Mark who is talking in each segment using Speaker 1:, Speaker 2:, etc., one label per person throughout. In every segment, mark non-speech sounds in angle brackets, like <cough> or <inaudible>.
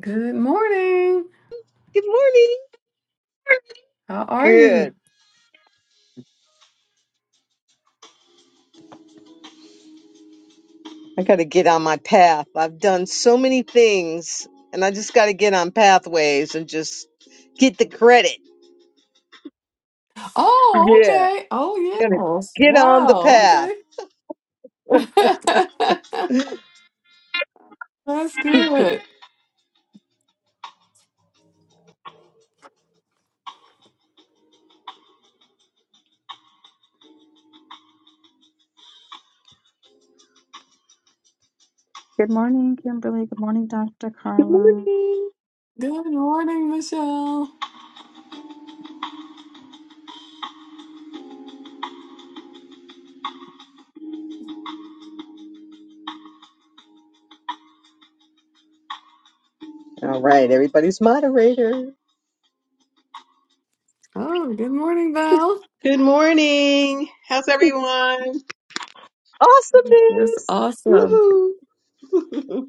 Speaker 1: Good morning.
Speaker 2: Good morning.
Speaker 1: How are you?
Speaker 2: Good. I got to get on my path. I've done so many things, and I just got to get on pathways and just get the credit.
Speaker 1: Oh,
Speaker 2: Yeah.
Speaker 1: okay. Oh,
Speaker 2: Got to
Speaker 1: yes.
Speaker 2: get on the
Speaker 1: Wow.
Speaker 2: path.
Speaker 1: Okay. <laughs> That's good.
Speaker 3: Good morning, Kimberly. Good morning, Dr.
Speaker 2: Good
Speaker 3: Carla.
Speaker 2: morning.
Speaker 1: Good morning, Michelle.
Speaker 2: All right. Everybody's moderator.
Speaker 1: Oh, good morning, Val.
Speaker 4: Good morning. How's everyone?
Speaker 1: That's
Speaker 2: Awesomeness.
Speaker 1: awesome.
Speaker 4: Woohoo. <laughs>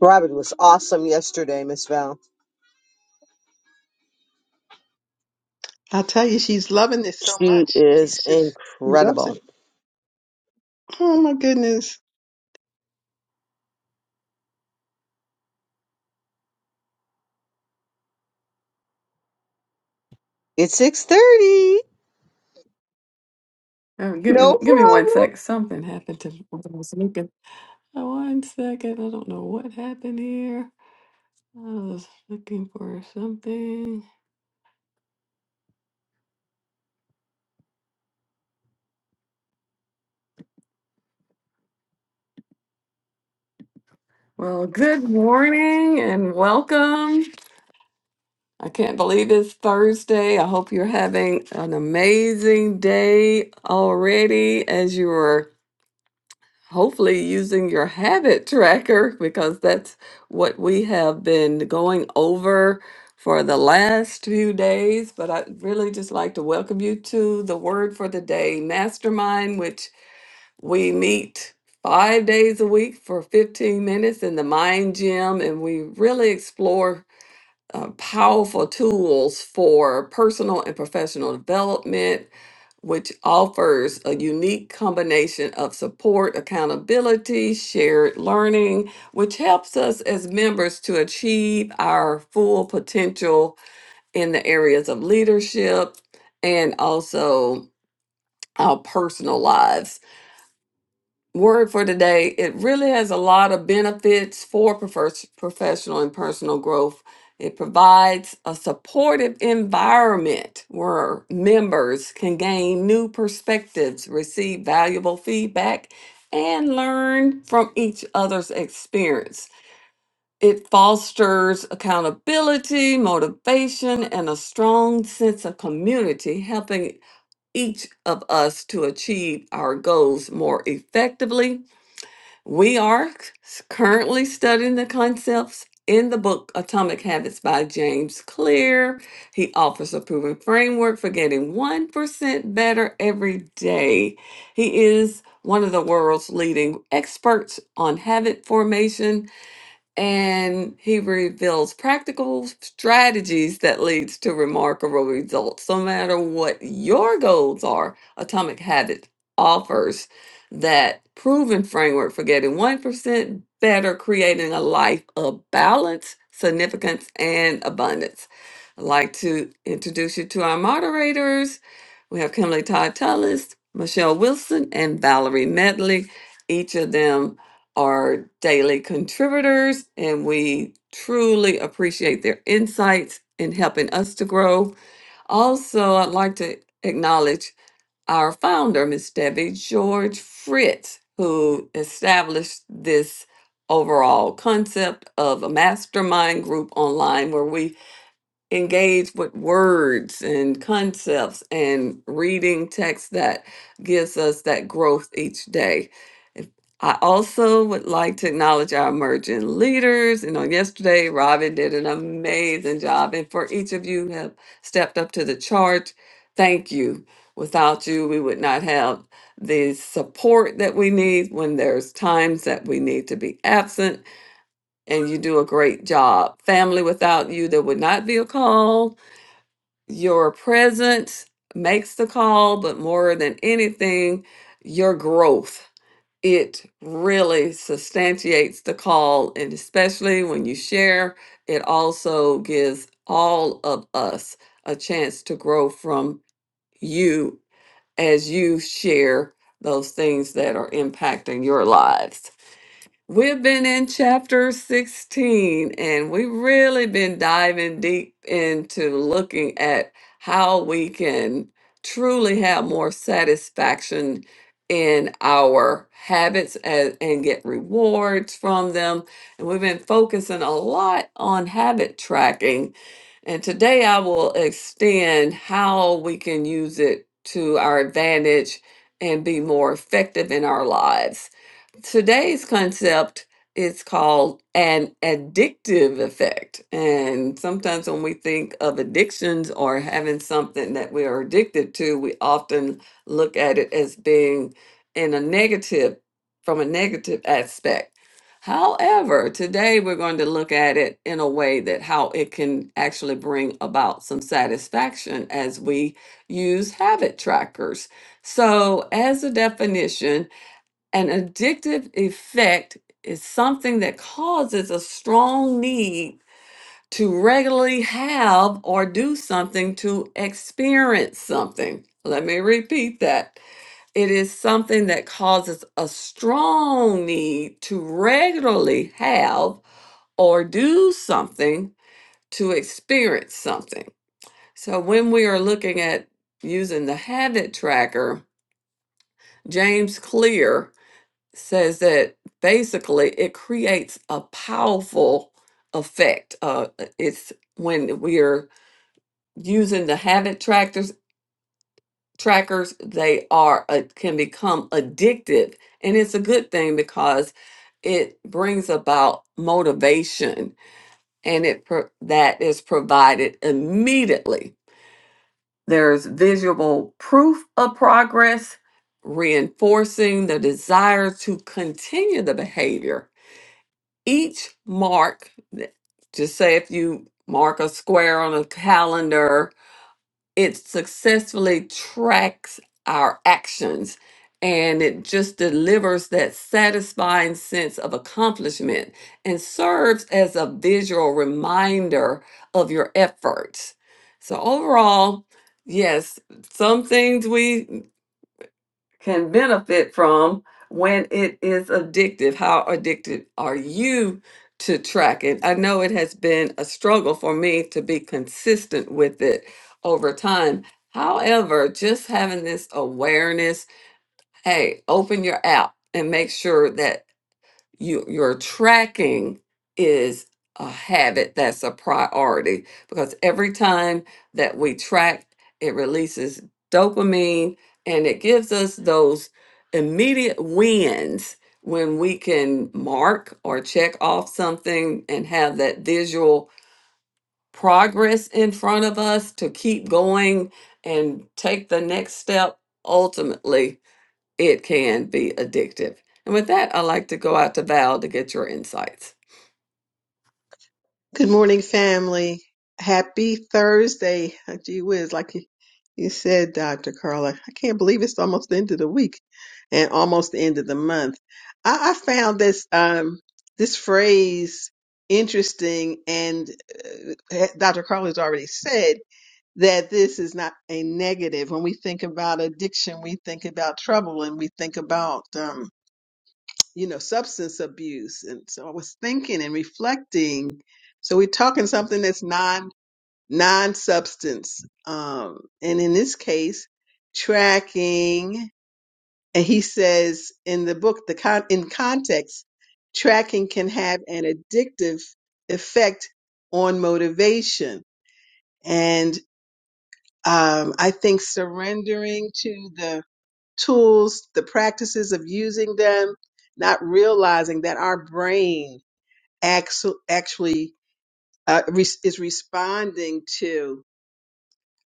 Speaker 2: Robin was awesome yesterday, Miss Val.
Speaker 4: I tell you, she's loving this so
Speaker 2: She
Speaker 4: much.
Speaker 2: is
Speaker 4: She's just, she loves it.
Speaker 2: incredible.
Speaker 4: Oh my goodness.
Speaker 2: It's 6.30.
Speaker 1: Oh, give me
Speaker 2: No
Speaker 1: give me one
Speaker 2: problem.
Speaker 1: sec. Something happened to what I was looking. Uh, One second. I don't know what happened here. I was looking for something. Well, good morning and welcome. I can't believe it's Thursday. I hope you're having an amazing day already as you are hopefully using your habit tracker <laughs> because that's what we have been going over for the last few days. But I'd really just like to welcome you to the Word for the Day Mastermind, which we meet. Five days a week for 15 minutes in the Mind Gym, and we really explore uh, powerful tools for personal and professional development, which offers a unique combination of support, accountability, shared learning, which helps us as members to achieve our full potential in the areas of leadership and also our personal lives word for today it really has a lot of benefits for profes- professional and personal growth it provides a supportive environment where members can gain new perspectives receive valuable feedback and learn from each other's experience it fosters accountability motivation and a strong sense of community helping each of us to achieve our goals more effectively we are currently studying the concepts in the book Atomic Habits by James Clear. He offers a proven framework for getting 1% better every day. He is one of the world's leading experts on habit formation and he reveals practical strategies that leads to remarkable results no matter what your goals are atomic habit offers that proven framework for getting 1% better creating a life of balance significance and abundance i'd like to introduce you to our moderators we have kimberly todd tullis michelle wilson and valerie medley each of them our daily contributors, and we truly appreciate their insights in helping us to grow. Also, I'd like to acknowledge our founder, Miss Debbie George Fritz, who established this overall concept of a mastermind group online where we engage with words and concepts and reading text that gives us that growth each day. And I also would like to acknowledge our emerging leaders. You know, yesterday Robin did an amazing job, and for each of you who have stepped up to the charge, thank you. Without you, we would not have the support that we need when there's times that we need to be absent, and you do a great job. Family, without you, there would not be a call your presence makes the call, but more than anything, your growth. It really substantiates the call, and especially when you share, it also gives all of us a chance to grow from you as you share those things that are impacting your lives. We've been in chapter 16 and we've really been diving deep into looking at how we can truly have more satisfaction in our habits and, and get rewards from them. And we've been focusing a lot on habit tracking. And today I will extend how we can use it to our advantage and be more effective in our lives today's concept is called an addictive effect. And sometimes when we think of addictions or having something that we are addicted to, we often look at it as being in a negative, from a negative aspect. However, today we're going to look at it in a way that how it can actually bring about some satisfaction as we use habit trackers. So, as a definition, an addictive effect is something that causes a strong need to regularly have or do something to experience something. Let me repeat that. It is something that causes a strong need to regularly have or do something to experience something. So when we are looking at using the habit tracker, James Clear says that basically it creates a powerful effect. Uh, it's when we are using the habit trackers. Trackers they are uh, can become addictive, and it's a good thing because it brings about motivation, and it pro- that is provided immediately. There's visual proof of progress, reinforcing the desire to continue the behavior each mark just say if you mark a square on a calendar it successfully tracks our actions and it just delivers that satisfying sense of accomplishment and serves as a visual reminder of your efforts so overall yes some things we can benefit from when it is addictive. How addicted are you to tracking? I know it has been a struggle for me to be consistent with it over time. However, just having this awareness, hey, open your app and make sure that you, your tracking is a habit that's a priority because every time that we track, it releases dopamine and it gives us those immediate wins when we can mark or check off something and have that visual progress in front of us to keep going and take the next step ultimately it can be addictive. And with that, I'd like to go out to Val to get your insights.
Speaker 4: Good morning, family. Happy Thursday. Gee whiz, like you, you said, Dr. Carla. I can't believe it's almost the end of the week and almost the end of the month. I, I found this, um, this phrase interesting and uh, Dr. Carla's already said that this is not a negative. When we think about addiction, we think about trouble and we think about, um, you know, substance abuse. And so I was thinking and reflecting. So we're talking something that's non non substance. Um, and in this case, tracking. And he says in the book, the con- in context, tracking can have an addictive effect on motivation. and. Um, I think surrendering to the tools, the practices of using them, not realizing that our brain actu- actually uh, re- is responding to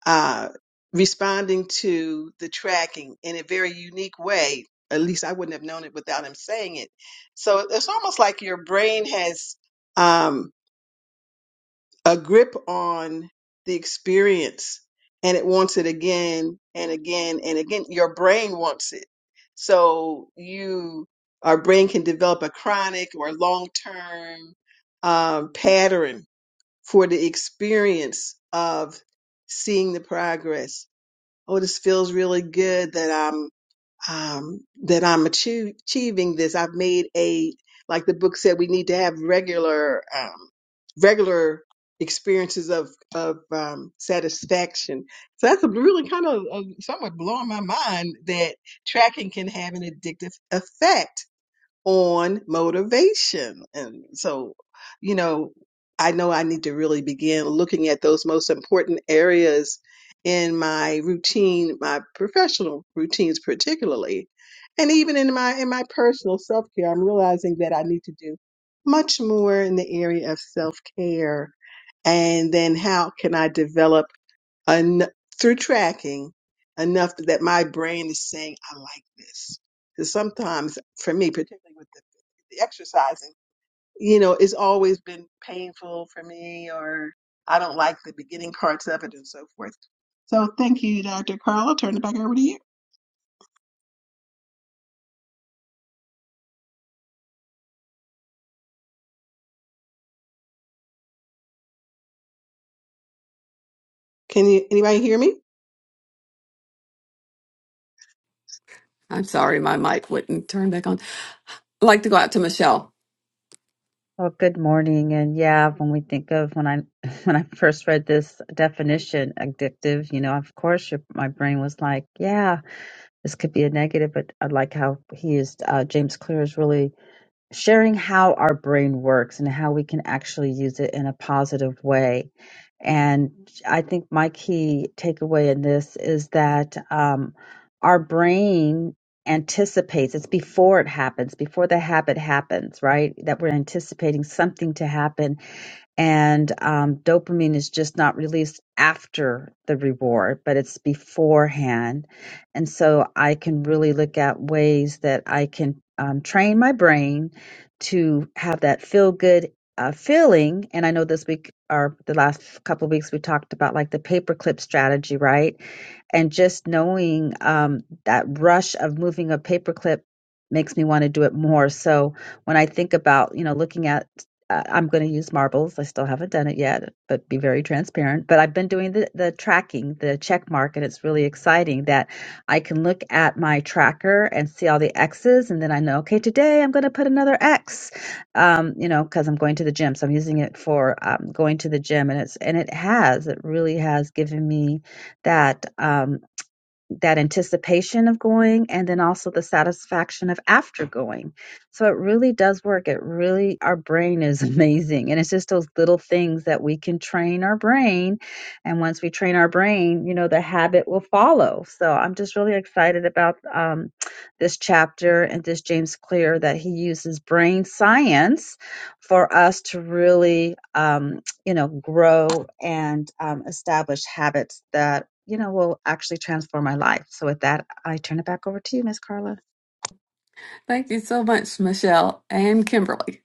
Speaker 4: uh, responding to the tracking in a very unique way. At least I wouldn't have known it without him saying it. So it's almost like your brain has. Um, a grip on the experience and it wants it again and again and again. Your brain wants it. So you, our brain can develop a chronic or long term um, pattern for the experience of seeing the progress. Oh, this feels really good that I'm um, that I'm achie- achieving this. I've made a, like the book said, we need to have regular, um, regular experiences of, of, um, satisfaction. So that's a really kind of uh, somewhat blowing my mind that tracking can have an addictive effect on motivation. And so, you know, I know I need to really begin looking at those most important areas in my routine, my professional routines particularly, and even in my in my personal self-care. I'm realizing that I need to do much more in the area of self-care and then how can I develop en- through tracking enough that my brain is saying, I like this. Because sometimes, for me, particularly with the, the exercising, you know, it's always been painful for me, or I don't like the beginning parts of it and so forth. So thank you, Dr. Carla. Turn it back over to you. Can you, anybody hear me?
Speaker 1: I'm sorry, my mic wouldn't turn back on. I'd like to go out to Michelle.
Speaker 3: Well, good morning. And yeah, when we think of when I <laughs> when I first read this definition, addictive, you know, of course, your, my brain was like, yeah, this could be a negative, but I like how he is. Uh, James Clear is really sharing how our brain works and how we can actually use it in a positive way. And I think my key takeaway in this is that um, our brain anticipates, it's before it happens, before the habit happens, right? That we're anticipating something to happen and um, dopamine is just not released after the reward, but it's beforehand. And so I can really look at ways that I can um, train my brain to have that feel good uh, feeling. And I know this week or the last couple of weeks we talked about like the paperclip strategy, right? and just knowing um, that rush of moving a paperclip makes me want to do it more. So when I think about, you know, looking at, uh, I'm going to use marbles. I still haven't done it yet, but be very transparent. But I've been doing the, the tracking, the check mark, and it's really exciting that I can look at my tracker and see all the X's, and then I know, okay, today I'm going to put another X, um, you know, because I'm going to the gym. So I'm using it for um, going to the gym, and it's and it has, it really has given me that um, that anticipation of going and then also the satisfaction of after going so it really does work it really our brain is <laughs> amazing and it's just those little things that we can train our brain and once we train our brain you know the habit will follow so i'm just really excited about um, this chapter and this james clear that he uses brain science for us to really um, you know, grow and um, establish habits that, you know, will actually transform my life. So with that, I turn it back over to you, Miss Carla.
Speaker 1: Thank you so much, Michelle and Kimberly.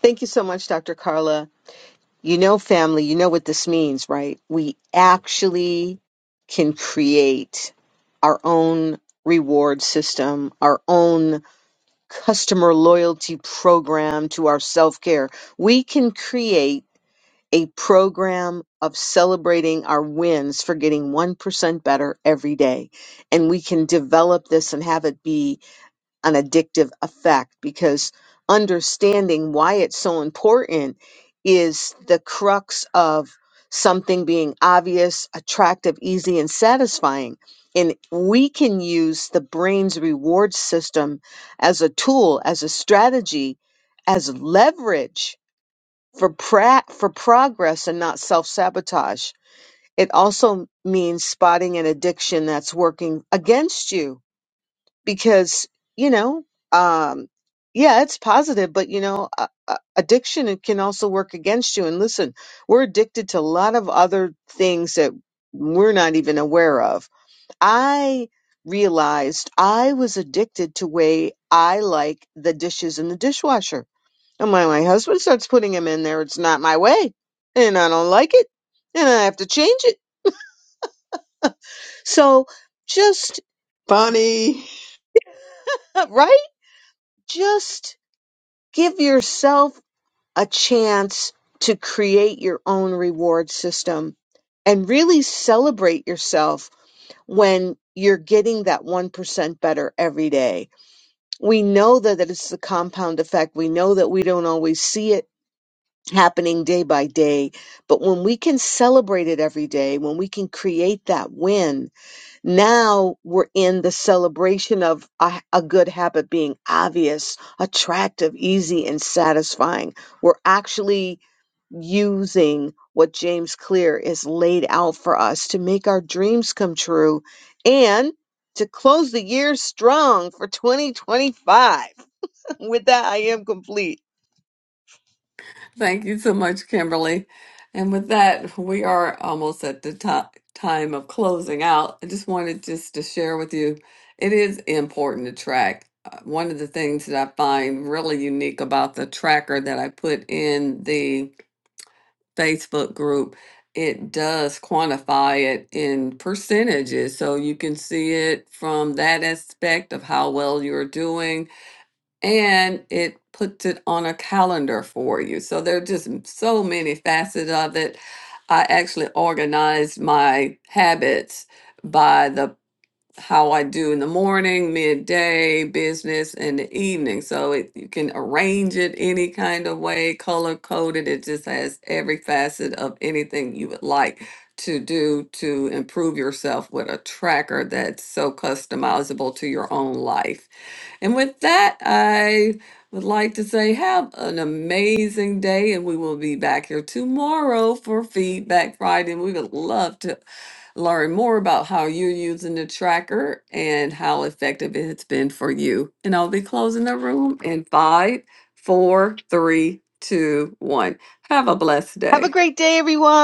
Speaker 2: Thank you so much, Dr. Carla. You know, family, you know what this means, right? We actually can create our own reward system, our own customer loyalty program to our self care. We can create a program of celebrating our wins for getting 1% better every day. And we can develop this and have it be an addictive effect because understanding why it's so important is the crux of something being obvious, attractive, easy, and satisfying. And we can use the brain's reward system as a tool, as a strategy, as leverage for pra- for progress and not self-sabotage. It also means spotting an addiction that's working against you because you know um yeah it's positive but you know uh, uh, addiction it can also work against you and listen we're addicted to a lot of other things that we're not even aware of i realized i was addicted to way i like the dishes in the dishwasher and my, my husband starts putting them in there it's not my way and i don't like it and i have to change it so just
Speaker 4: Bonnie.
Speaker 2: <laughs> right just give yourself a chance to create your own reward system and really celebrate yourself when you're getting that 1% better every day. We know that it's the compound effect. We know that we don't always see it happening day by day, but when we can celebrate it every day, when we can create that win, now we're in the celebration of a, a good habit being obvious, attractive, easy, and satisfying. We're actually using what James Clear is laid out for us to make our dreams come true and to close the year strong for 2025. <laughs> With that, I am complete.
Speaker 1: Thank you so much, Kimberly. And with that, we are almost at the top time of closing out. I just wanted just to share with you, it is important to track. Uh, One of the things that I find really unique about the tracker that I put in the Facebook group, it does quantify it in percentages. So you can see it from that aspect of how well you're doing, and it puts it on a calendar for you. So there are just m- so many facets of it. I actually organized my habits by the how I do in the morning, midday, business, and the evening. So it, you can arrange it any kind of way, color coded. It just has every facet of anything you would like to do to improve yourself with a tracker that's so customizable to your own life. And with that, I would like to say have an amazing day, and we will be back here tomorrow for Feedback Friday. And we would love to learn more about how you're using the tracker and how effective it's been for you. And I'll be closing the room in five, four, three, two, one. Have a blessed
Speaker 2: Have
Speaker 1: day.
Speaker 2: a great day, everyone.